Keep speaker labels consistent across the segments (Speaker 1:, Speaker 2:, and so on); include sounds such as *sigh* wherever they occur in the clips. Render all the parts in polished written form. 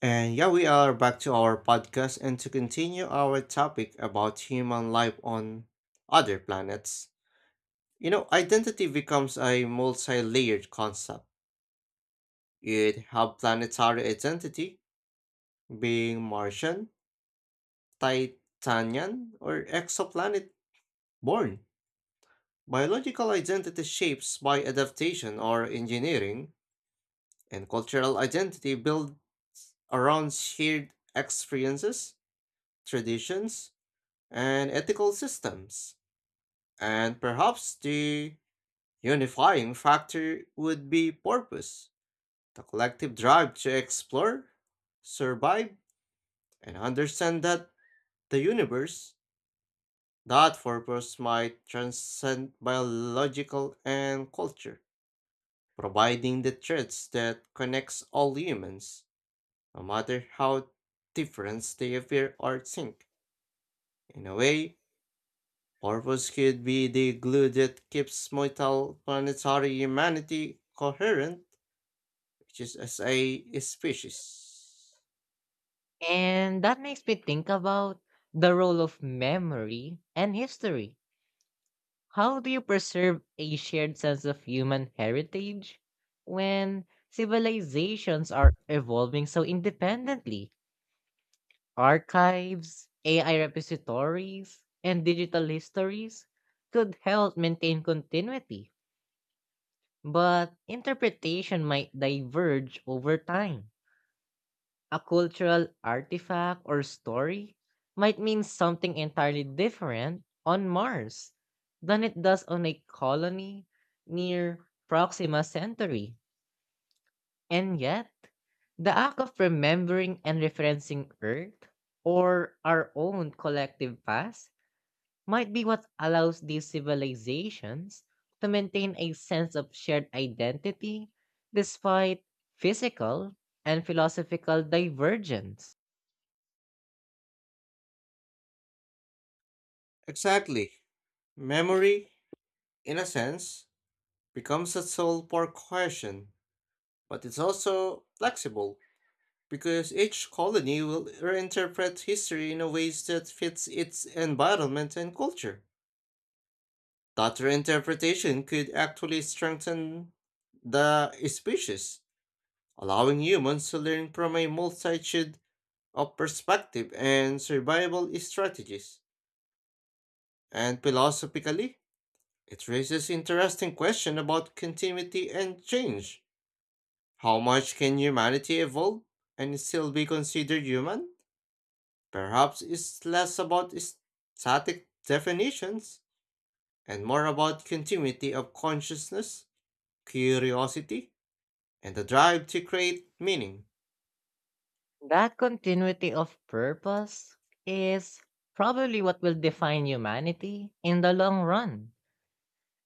Speaker 1: And yeah, we are back to our podcast and to continue our topic about human life on other planets. You know, identity becomes a multi layered concept. You'd have planetary identity, being Martian, Titanian, or exoplanet born. Biological identity shapes by adaptation or engineering, and cultural identity built around shared experiences, traditions, and ethical systems. And perhaps the unifying factor would be purpose, the collective drive to explore, survive, and understand that the universe, that purpose might transcend biological and culture, providing the threads that connects all humans, no matter how different they appear or think. In a way, purpose could be the glue that keeps multiple planetary humanity coherent, which is as a species.
Speaker 2: And that makes me think about the role of memory and history. How do you preserve a shared sense of human heritage when civilizations are evolving so independently? Archives, AI repositories, and digital histories could help maintain continuity, but interpretation might diverge over time. A cultural artifact or story might mean something entirely different on Mars than it does on a colony near Proxima Centauri. And yet, the act of remembering and referencing Earth or our own collective past might be what allows these civilizations to maintain a sense of shared identity despite physical and philosophical divergence.
Speaker 1: Exactly. Memory, in a sense, becomes a soul for cohesion, but it's also flexible because each colony will reinterpret history in a ways that fits its environment and culture. That reinterpretation could actually strengthen the species allowing humans to learn from a multitude of perspectives and survival strategies. And philosophically, it raises interesting question about continuity and change. How much can humanity evolve and still be considered human? Perhaps it's less about static definitions and more about continuity of consciousness, curiosity, and the drive to create meaning.
Speaker 2: That continuity of purpose is probably what will define humanity in the long run,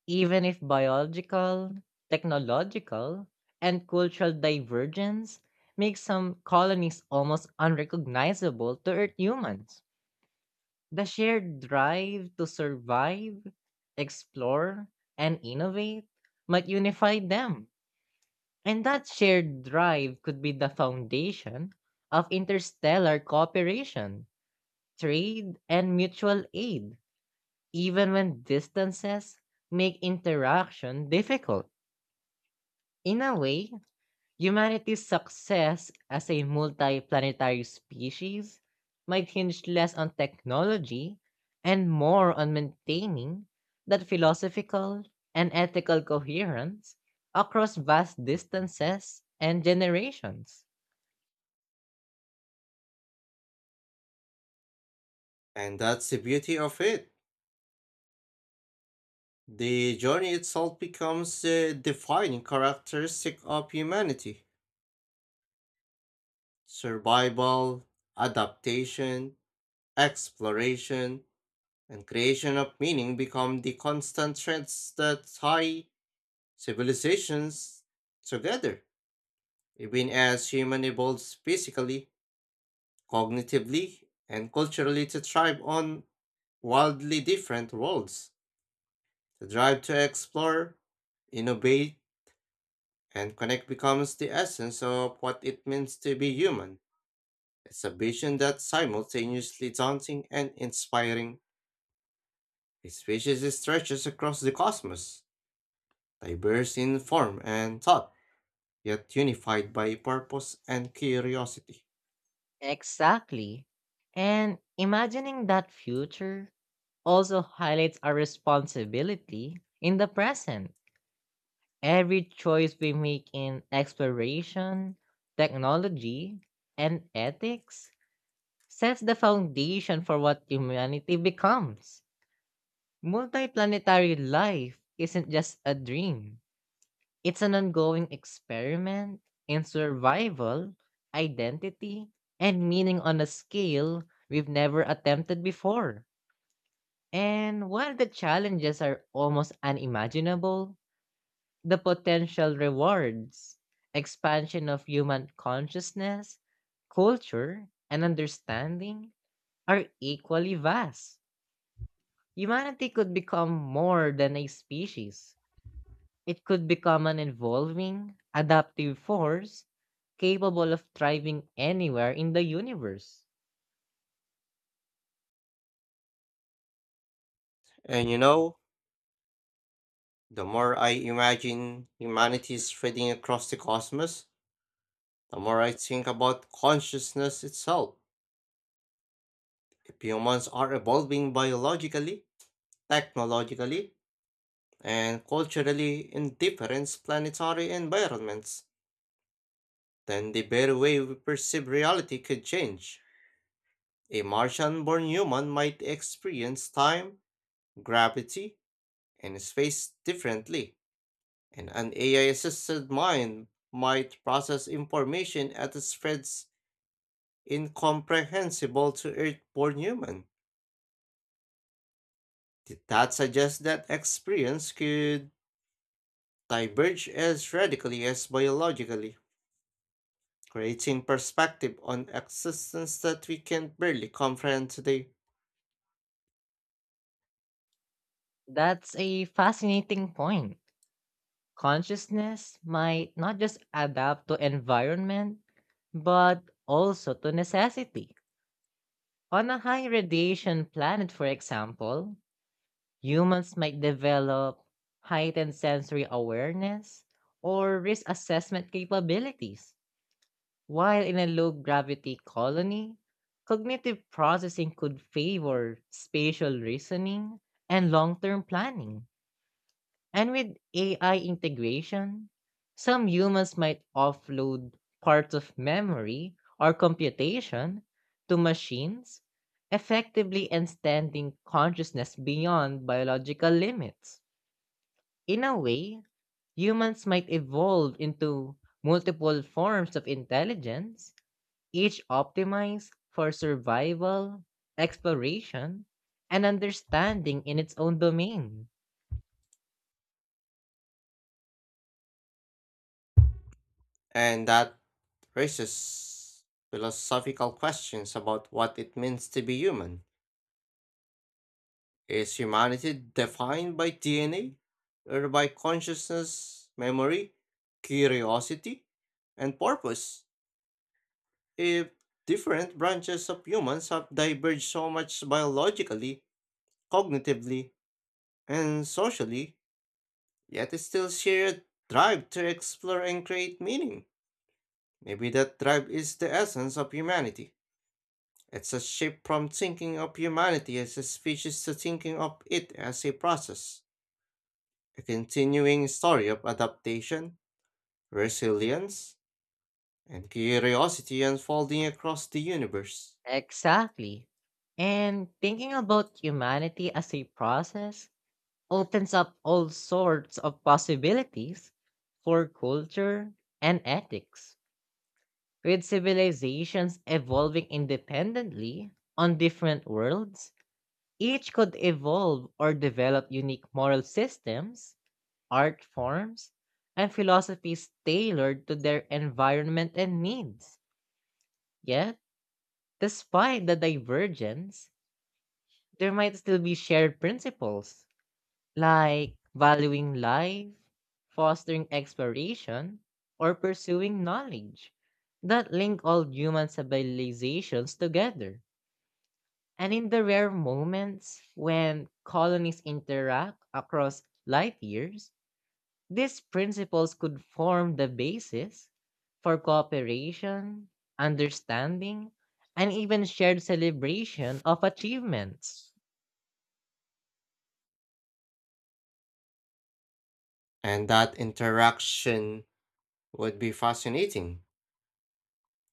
Speaker 2: even if biological, technological, and cultural divergence make some colonies almost unrecognizable to Earth humans. The shared drive to survive, explore, and innovate might unify them. And that shared drive could be the foundation of interstellar cooperation, trade, and mutual aid, even when distances make interaction difficult. In a way, humanity's success as a multiplanetary species might hinge less on technology and more on maintaining that philosophical and ethical coherence across vast distances and generations.
Speaker 1: And that's the beauty of it. The journey itself becomes the defining characteristic of humanity. Survival, adaptation, exploration, and creation of meaning become the constant threads that tie civilizations together, even as human evolves physically, cognitively, and culturally to thrive on wildly different worlds. The drive to explore, innovate, and connect becomes the essence of what it means to be human. It's a vision that's simultaneously daunting and inspiring. Its species stretches across the cosmos, diverse in form and thought, yet unified by purpose and curiosity.
Speaker 2: Exactly. And imagining that future also highlights our responsibility in the present. Every choice we make in exploration, technology, and ethics sets the foundation for what humanity becomes. Multiplanetary life isn't just a dream, it's an ongoing experiment in survival, identity, and meaning on a scale we've never attempted before. And while the challenges are almost unimaginable, the potential rewards, expansion of human consciousness, culture, and understanding, are equally vast. Humanity could become more than a species. It could become an evolving, adaptive force capable of thriving anywhere in the universe.
Speaker 1: And you know, the more I imagine humanity spreading across the cosmos, the more I think about consciousness itself. If humans are evolving biologically, technologically, and culturally in different planetary environments, then the very way we perceive reality could change. A Martian born human might experience time, gravity, and space differently, and an AI assisted mind might process information at a spreads incomprehensible to Earth born human. That suggests that experience could diverge as radically as biologically, creating perspective on existence that we can barely comprehend today.
Speaker 2: That's a fascinating point. Consciousness might not just adapt to environment, but also to necessity. On a high radiation planet, for example, humans might develop heightened sensory awareness or risk assessment capabilities. While in a low gravity colony, cognitive processing could favor spatial reasoning and long term planning. And with AI integration, some humans might offload parts of memory or computation to machines, effectively extending consciousness beyond biological limits. In a way, humans might evolve into multiple forms of intelligence, each optimized for survival, exploration, and understanding in its own domain.
Speaker 1: And that raises philosophical questions about what it means to be human. Is humanity defined by DNA or by consciousness, memory, curiosity, and purpose? If different branches of humans have diverged so much biologically, cognitively, and socially, yet they still share a drive to explore and create meaning. Maybe that drive is the essence of humanity. It's a shift from thinking of humanity as a species to thinking of it as a process, a continuing story of adaptation, resilience, and curiosity unfolding across the universe.
Speaker 2: Exactly. And thinking about humanity as a process opens up all sorts of possibilities for culture and ethics. With civilizations evolving independently on different worlds, each could evolve or develop unique moral systems, art forms, and philosophies tailored to their environment and needs. Yet, despite the divergence, there might still be shared principles like valuing life, fostering exploration, or pursuing knowledge that link all human civilizations together. And in the rare moments when colonies interact across life years, these principles could form the basis for cooperation, understanding, and even shared celebration of achievements.
Speaker 1: And that interaction would be fascinating.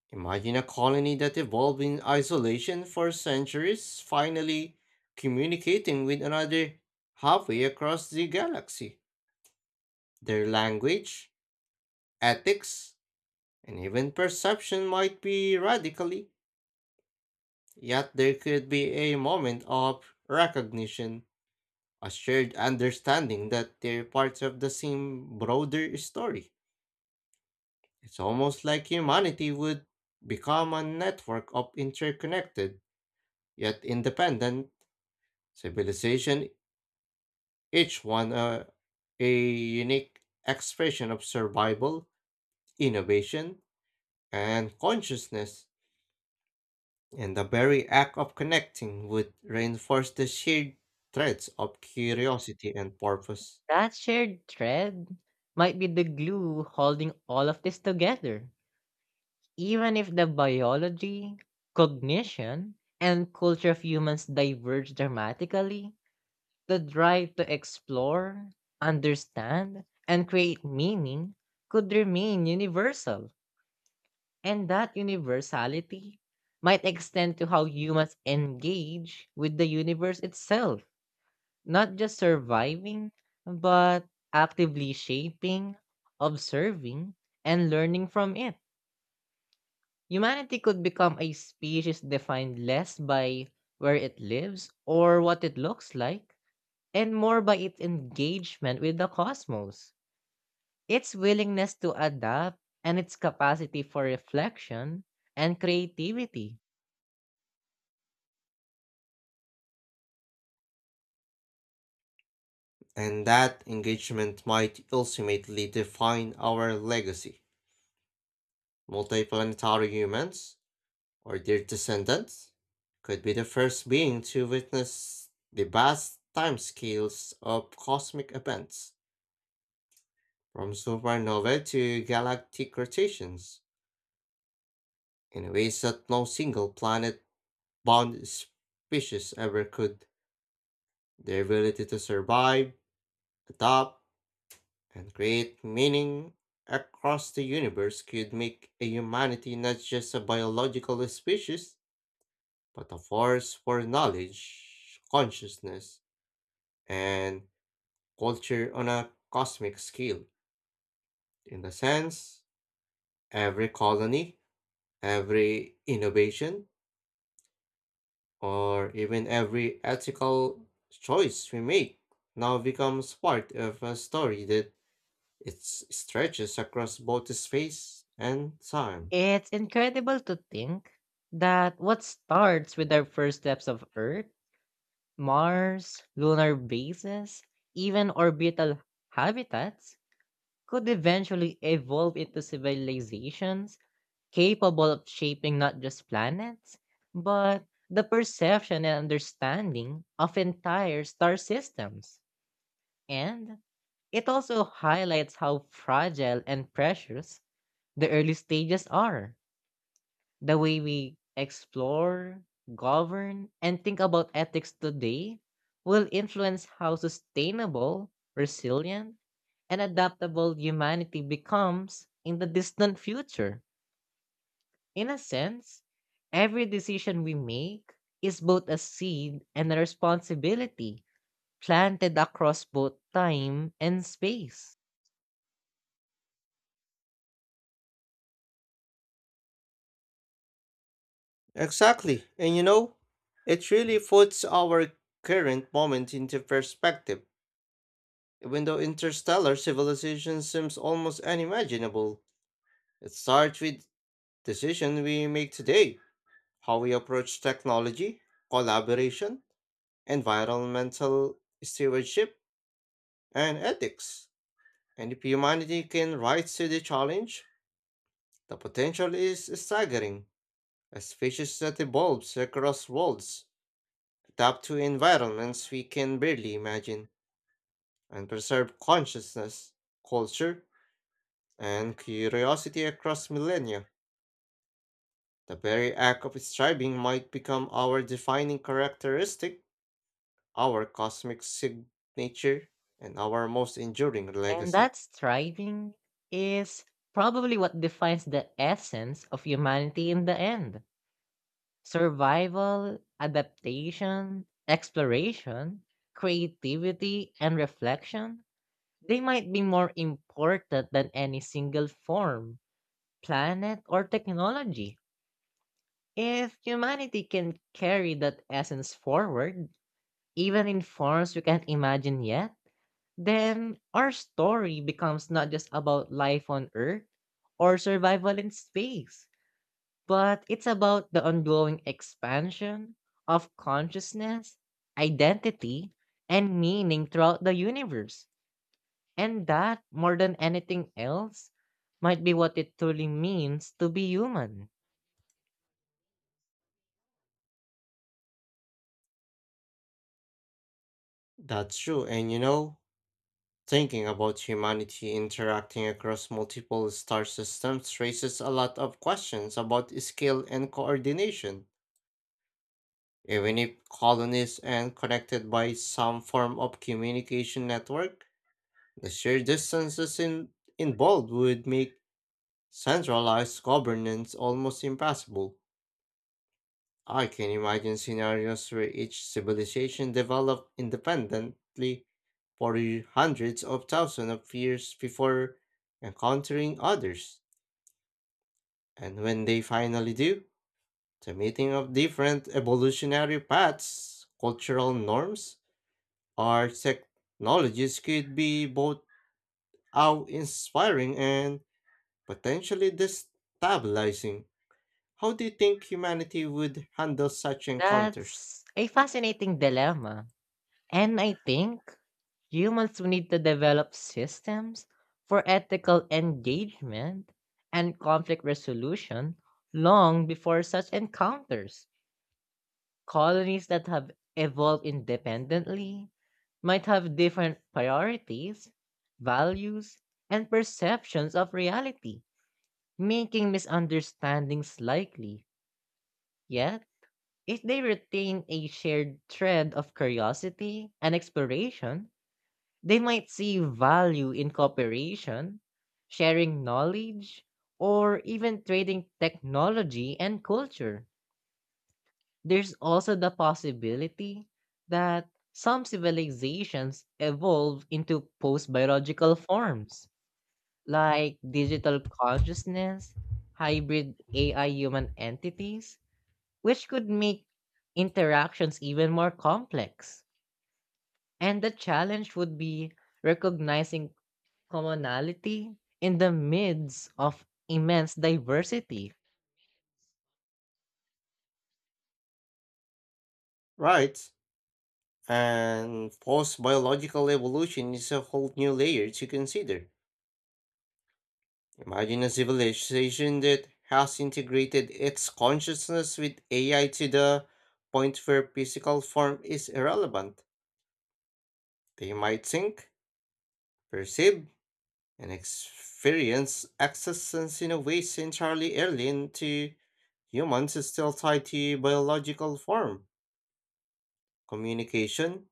Speaker 1: Imagine a colony that evolved in isolation for centuries, finally communicating with another halfway across the galaxy. Their language, ethics, and even perception might be radically, yet there could be a moment of recognition, a shared understanding that they're parts of the same broader story. It's almost like humanity would become a network of interconnected, yet independent civilization, each one a unique expression of survival, innovation, and consciousness. And the very act of connecting would reinforce the shared threads of curiosity and purpose.
Speaker 2: That shared thread might be the glue holding all of this together. Even if the biology, cognition, and culture of humans diverge dramatically, the drive to explore, understand, and create meaning could remain universal. And that universality might extend to how humans engage with the universe itself, not just surviving, but actively shaping, observing, and learning from it. Humanity could become a species defined less by where it lives or what it looks like, and more by its engagement with the cosmos, its willingness to adapt, and its capacity for reflection and creativity.
Speaker 1: And that engagement might ultimately define our legacy. Multiplanetary humans, or their descendants, could be the first being to witness the vast timescales of cosmic events, from supernovae to galactic rotations, in ways that no single planet bound species ever could. Their ability to survive, adapt, and create meaning across the universe could make a humanity not just a biological species, but a force for knowledge, consciousness, and culture on a cosmic scale. In the sense, every colony, every innovation, or even every ethical choice we make now becomes part of a story that it stretches across both space and time.
Speaker 2: It's incredible to think that what starts with our first steps of Earth, Mars, lunar bases, even orbital habitats, could eventually evolve into civilizations capable of shaping not just planets, but the perception and understanding of entire star systems. And it also highlights how fragile and precious the early stages are. The way we explore, govern, and think about ethics today will influence how sustainable, resilient, and adaptable humanity becomes in the distant future. In a sense, every decision we make is both a seed and a responsibility planted across both time and space.
Speaker 1: Exactly. And you know, it really puts our current moment into perspective. Even though interstellar civilization seems almost unimaginable, it starts with decisions we make today, how we approach technology, collaboration, environmental stewardship, and ethics. And if humanity can rise to the challenge, the potential is staggering. A species that evolves across worlds, adapt to environments we can barely imagine, and preserve consciousness, culture, and curiosity across millennia. The very act of striving might become our defining characteristic, our cosmic signature, and our most enduring
Speaker 2: And
Speaker 1: legacy.
Speaker 2: that striving is probably what defines the essence of humanity in the end. Survival, adaptation, exploration, creativity, and reflection, they might be more important than any single form, planet, or technology. If humanity can carry that essence forward, even in forms we can't imagine yet, then our story becomes not just about life on Earth or survival in space, but it's about the ongoing expansion of consciousness, identity, and meaning throughout the universe. And that, more than anything else, might be what it truly means to be human.
Speaker 1: That's true, and you know, thinking about humanity interacting across multiple star systems raises a lot of questions about skill and coordination. Even if colonies and connected by some form of communication network, the sheer distances involved would make centralized governance almost impossible. I can imagine scenarios where each civilization developed independently for hundreds of thousands of years before encountering others. And when they finally do, the meeting of different evolutionary paths, cultural norms, or technologies could be both awe-inspiring and potentially destabilizing. How do you think humanity would handle such encounters?
Speaker 2: That's a fascinating dilemma. And I think humans will need to develop systems for ethical engagement and conflict resolution long before such encounters. Colonies that have evolved independently might have different priorities, values, and perceptions of reality, making misunderstandings likely. Yet, if they retain a shared thread of curiosity and exploration, they might see value in cooperation, sharing knowledge, or even trading technology and culture. There's also the possibility that some civilizations evolve into post biological forms, like digital consciousness, hybrid AI human entities, which could make interactions even more complex. And the challenge would be recognizing commonality in the midst of immense diversity.
Speaker 1: Right. And post biological evolution is a whole new layer to consider. Imagine a civilization that has integrated its consciousness with AI to the point where physical form is irrelevant. They might think, perceive, and experience existence in a way entirely alien to humans is still tied to biological form, communication,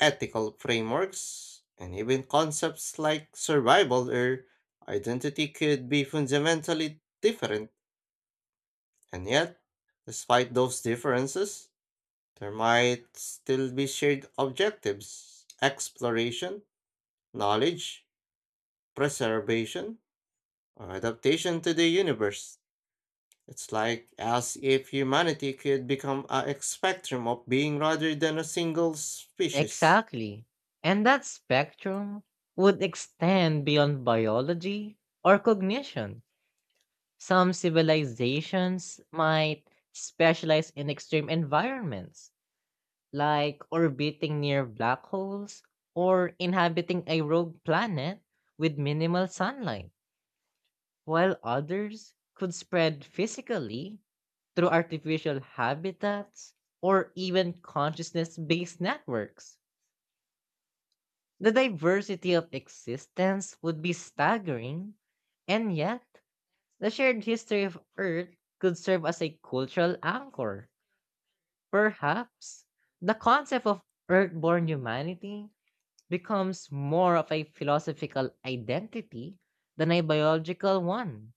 Speaker 1: ethical frameworks, and even concepts like survival or identity could be fundamentally different. And yet, despite those differences, there might still be shared objectives exploration, knowledge, preservation, or adaptation to the universe. It's like as if humanity could become a spectrum of being rather than a single species.
Speaker 2: Exactly. And that spectrum would extend beyond biology or cognition. Some civilizations might specialize in extreme environments, like orbiting near black holes or inhabiting a rogue planet with minimal sunlight, while others could spread physically through artificial habitats or even consciousness based networks. The diversity of existence would be staggering, and yet, the shared history of Earth could serve as a cultural anchor. Perhaps the concept of Earthborn humanity becomes more of a philosophical identity than a biological one,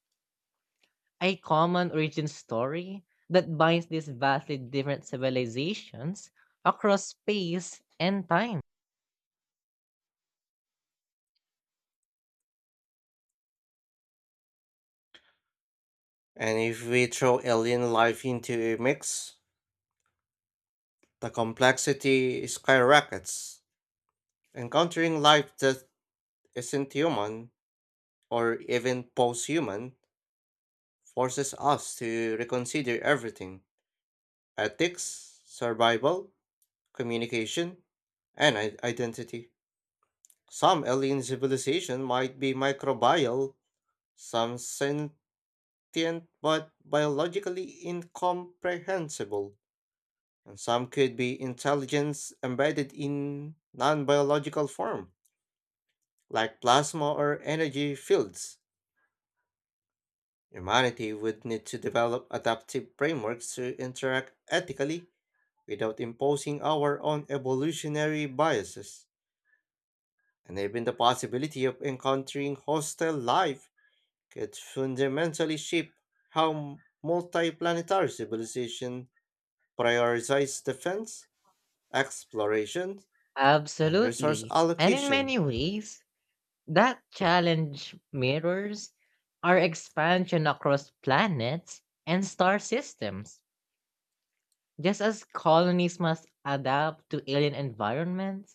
Speaker 2: a common origin story that binds these vastly different civilizations across space and time.
Speaker 1: And if we throw alien life into a mix, the complexity skyrockets. Encountering life that isn't human or even post human forces us to reconsider everything ethics, survival, communication, and identity. Some alien civilization might be microbial, some sentient but biologically incomprehensible, and some could be intelligence embedded in non biological form, like plasma or energy fields. Humanity would need to develop adaptive frameworks to interact ethically without imposing our own evolutionary biases. And even the possibility of encountering hostile life could fundamentally shape how multiplanetary civilization prioritizes defense, exploration, and resource
Speaker 2: Absolutely. And in
Speaker 1: allocation.
Speaker 2: many ways, that challenge mirrors our expansion across planets and star systems. Just as colonies must adapt to alien environments,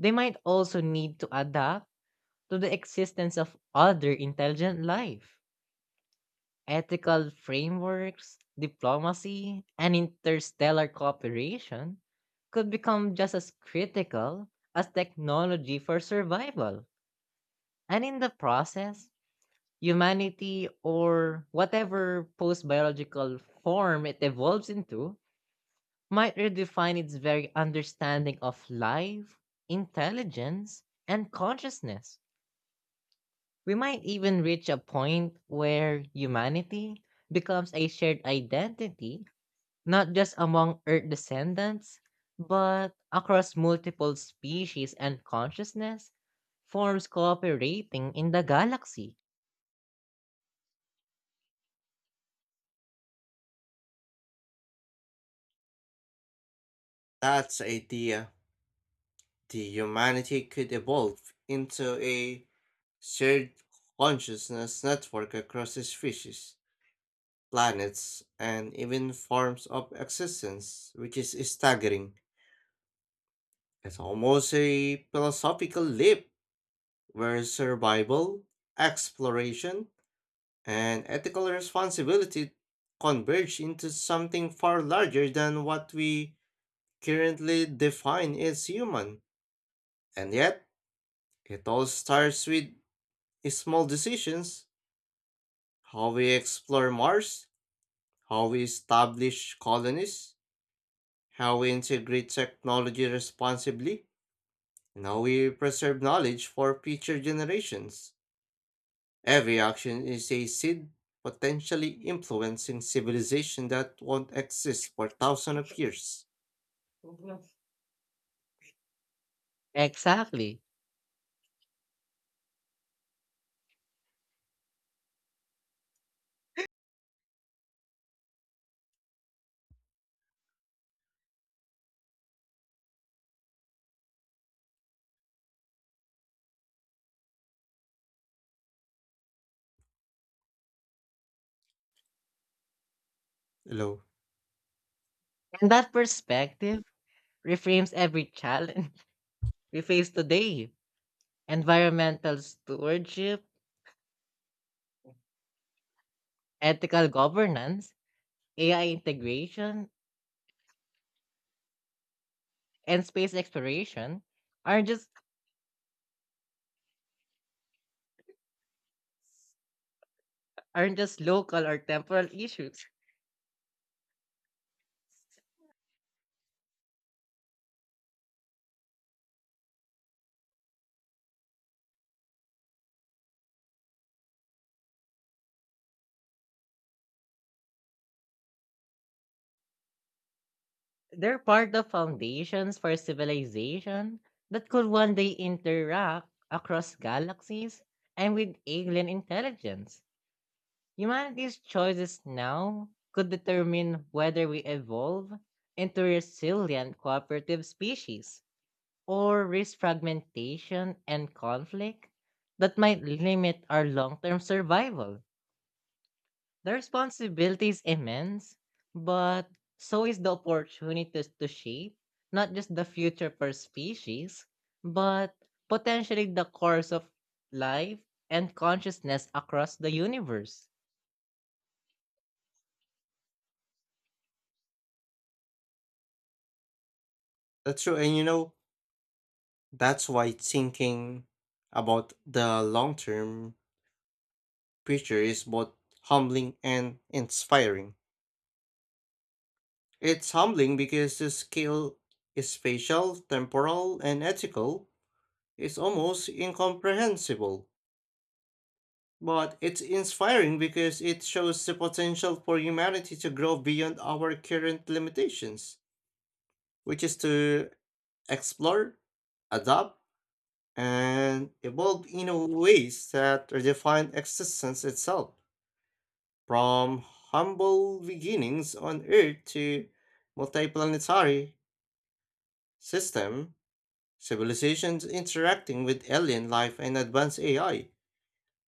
Speaker 2: they might also need to adapt to the existence of other intelligent life. Ethical frameworks, diplomacy, and interstellar cooperation could become just as critical as technology for survival. And in the process, humanity, or whatever post biological form it evolves into, might redefine its very understanding of life, intelligence, and consciousness. We might even reach a point where humanity becomes a shared identity, not just among Earth descendants, but across multiple species and consciousness forms cooperating in the galaxy.
Speaker 1: That's the idea. The humanity could evolve into a shared consciousness network across species planets, and even forms of existence, which is staggering. It's almost a philosophical leap where survival, exploration, and ethical responsibility converge into something far larger than what we currently define as human. And yet, it all starts with small decisions how we explore Mars, how we establish colonies, how we integrate technology responsibly, and how we preserve knowledge for future generations. Every action is a seed potentially influencing civilization that won't exist for thousands of years.
Speaker 2: Mhm. Exactly.
Speaker 1: Hello.
Speaker 2: And that perspective reframes every challenge *laughs* we face today, environmental stewardship, ethical governance, AI integration, and space exploration aren't just aren't just local or temporal issues. They're part of foundations for civilization that could one day interact across galaxies and with alien intelligence. Humanity's choices now could determine whether we evolve into resilient cooperative species or risk fragmentation and conflict that might limit our long term survival. The responsibility is immense, but so is the opportunity to shape not just the future per species, but potentially the course of life and consciousness across the universe.
Speaker 1: That's true, and you know, that's why thinking about the long term future is both humbling and inspiring. It's humbling because the scale is spatial, temporal, and ethical, it's almost incomprehensible, but it's inspiring because it shows the potential for humanity to grow beyond our current limitations, which is to explore, adapt, and evolve in a ways that redefine existence itself. From humble beginnings on Earth to multiplanetary system, civilizations interacting with alien life and advanced AI.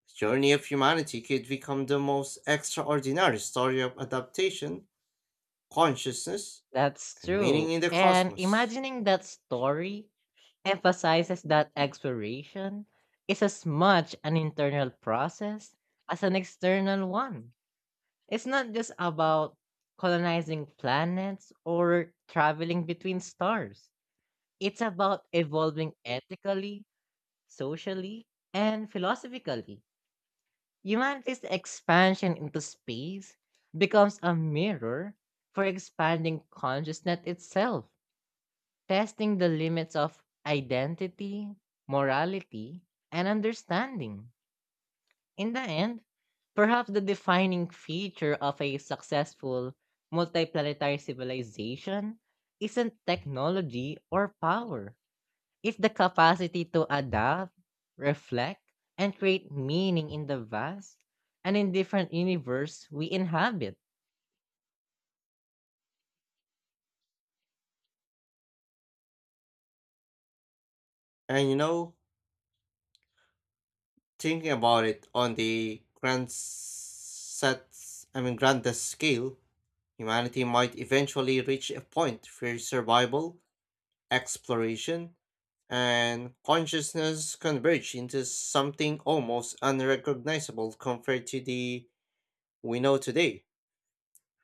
Speaker 1: The journey of humanity could become the most extraordinary story of adaptation, consciousness,
Speaker 2: That's
Speaker 1: and meaning
Speaker 2: true.
Speaker 1: in the
Speaker 2: And
Speaker 1: cosmos.
Speaker 2: imagining that story emphasizes that exploration is as much an internal process as an external one. It's not just about colonizing planets or traveling between stars. It's about evolving ethically, socially, and philosophically. Humanity's expansion into space becomes a mirror for expanding consciousness itself, testing the limits of identity, morality, and understanding. In the end, perhaps the defining feature of a successful multiplanetary civilization isn't technology or power. It's the capacity to adapt, reflect, and create meaning in the vast and indifferent universe we inhabit.
Speaker 1: And you know, thinking about it on the grand set, I mean, grandest scale, humanity might eventually reach a point where survival, exploration, and consciousness converge into something almost unrecognizable compared to the we know today.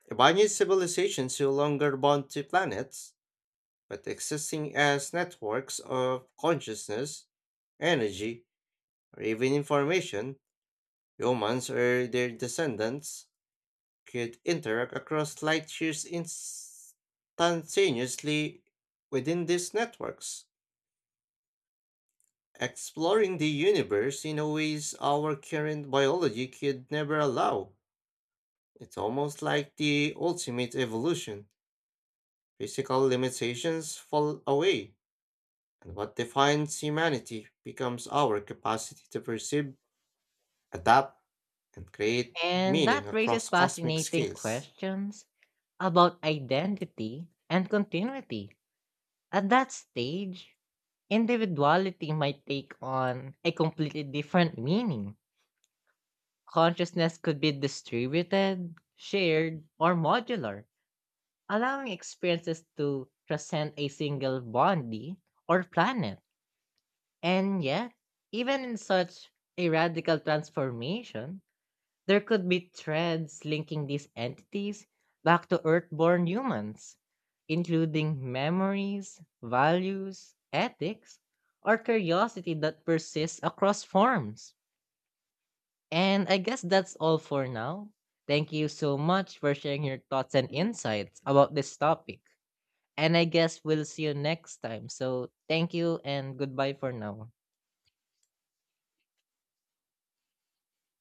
Speaker 1: Ibanez civilizations no longer bound to planets, but existing as networks of consciousness, energy, or even information, humans or their descendants could interact across light years instantaneously within these networks, exploring the universe in a ways our current biology could never allow. It's almost like the ultimate evolution. Physical limitations fall away and what defines humanity becomes our capacity to perceive, adapt, and create
Speaker 2: And
Speaker 1: meaning
Speaker 2: that raises
Speaker 1: across cosmic
Speaker 2: fascinating
Speaker 1: scales.
Speaker 2: questions about identity and continuity. At that stage, individuality might take on a completely different meaning. Consciousness could be distributed, shared, or modular, allowing experiences to transcend a single body or planet. And yet, even in such a radical transformation, there could be threads linking these entities back to Earthborn humans, including memories, values, ethics, or curiosity that persists across forms. And I guess that's all for now. Thank you so much for sharing your thoughts and insights about this topic. And I guess we'll see you next time. So thank you and goodbye for now.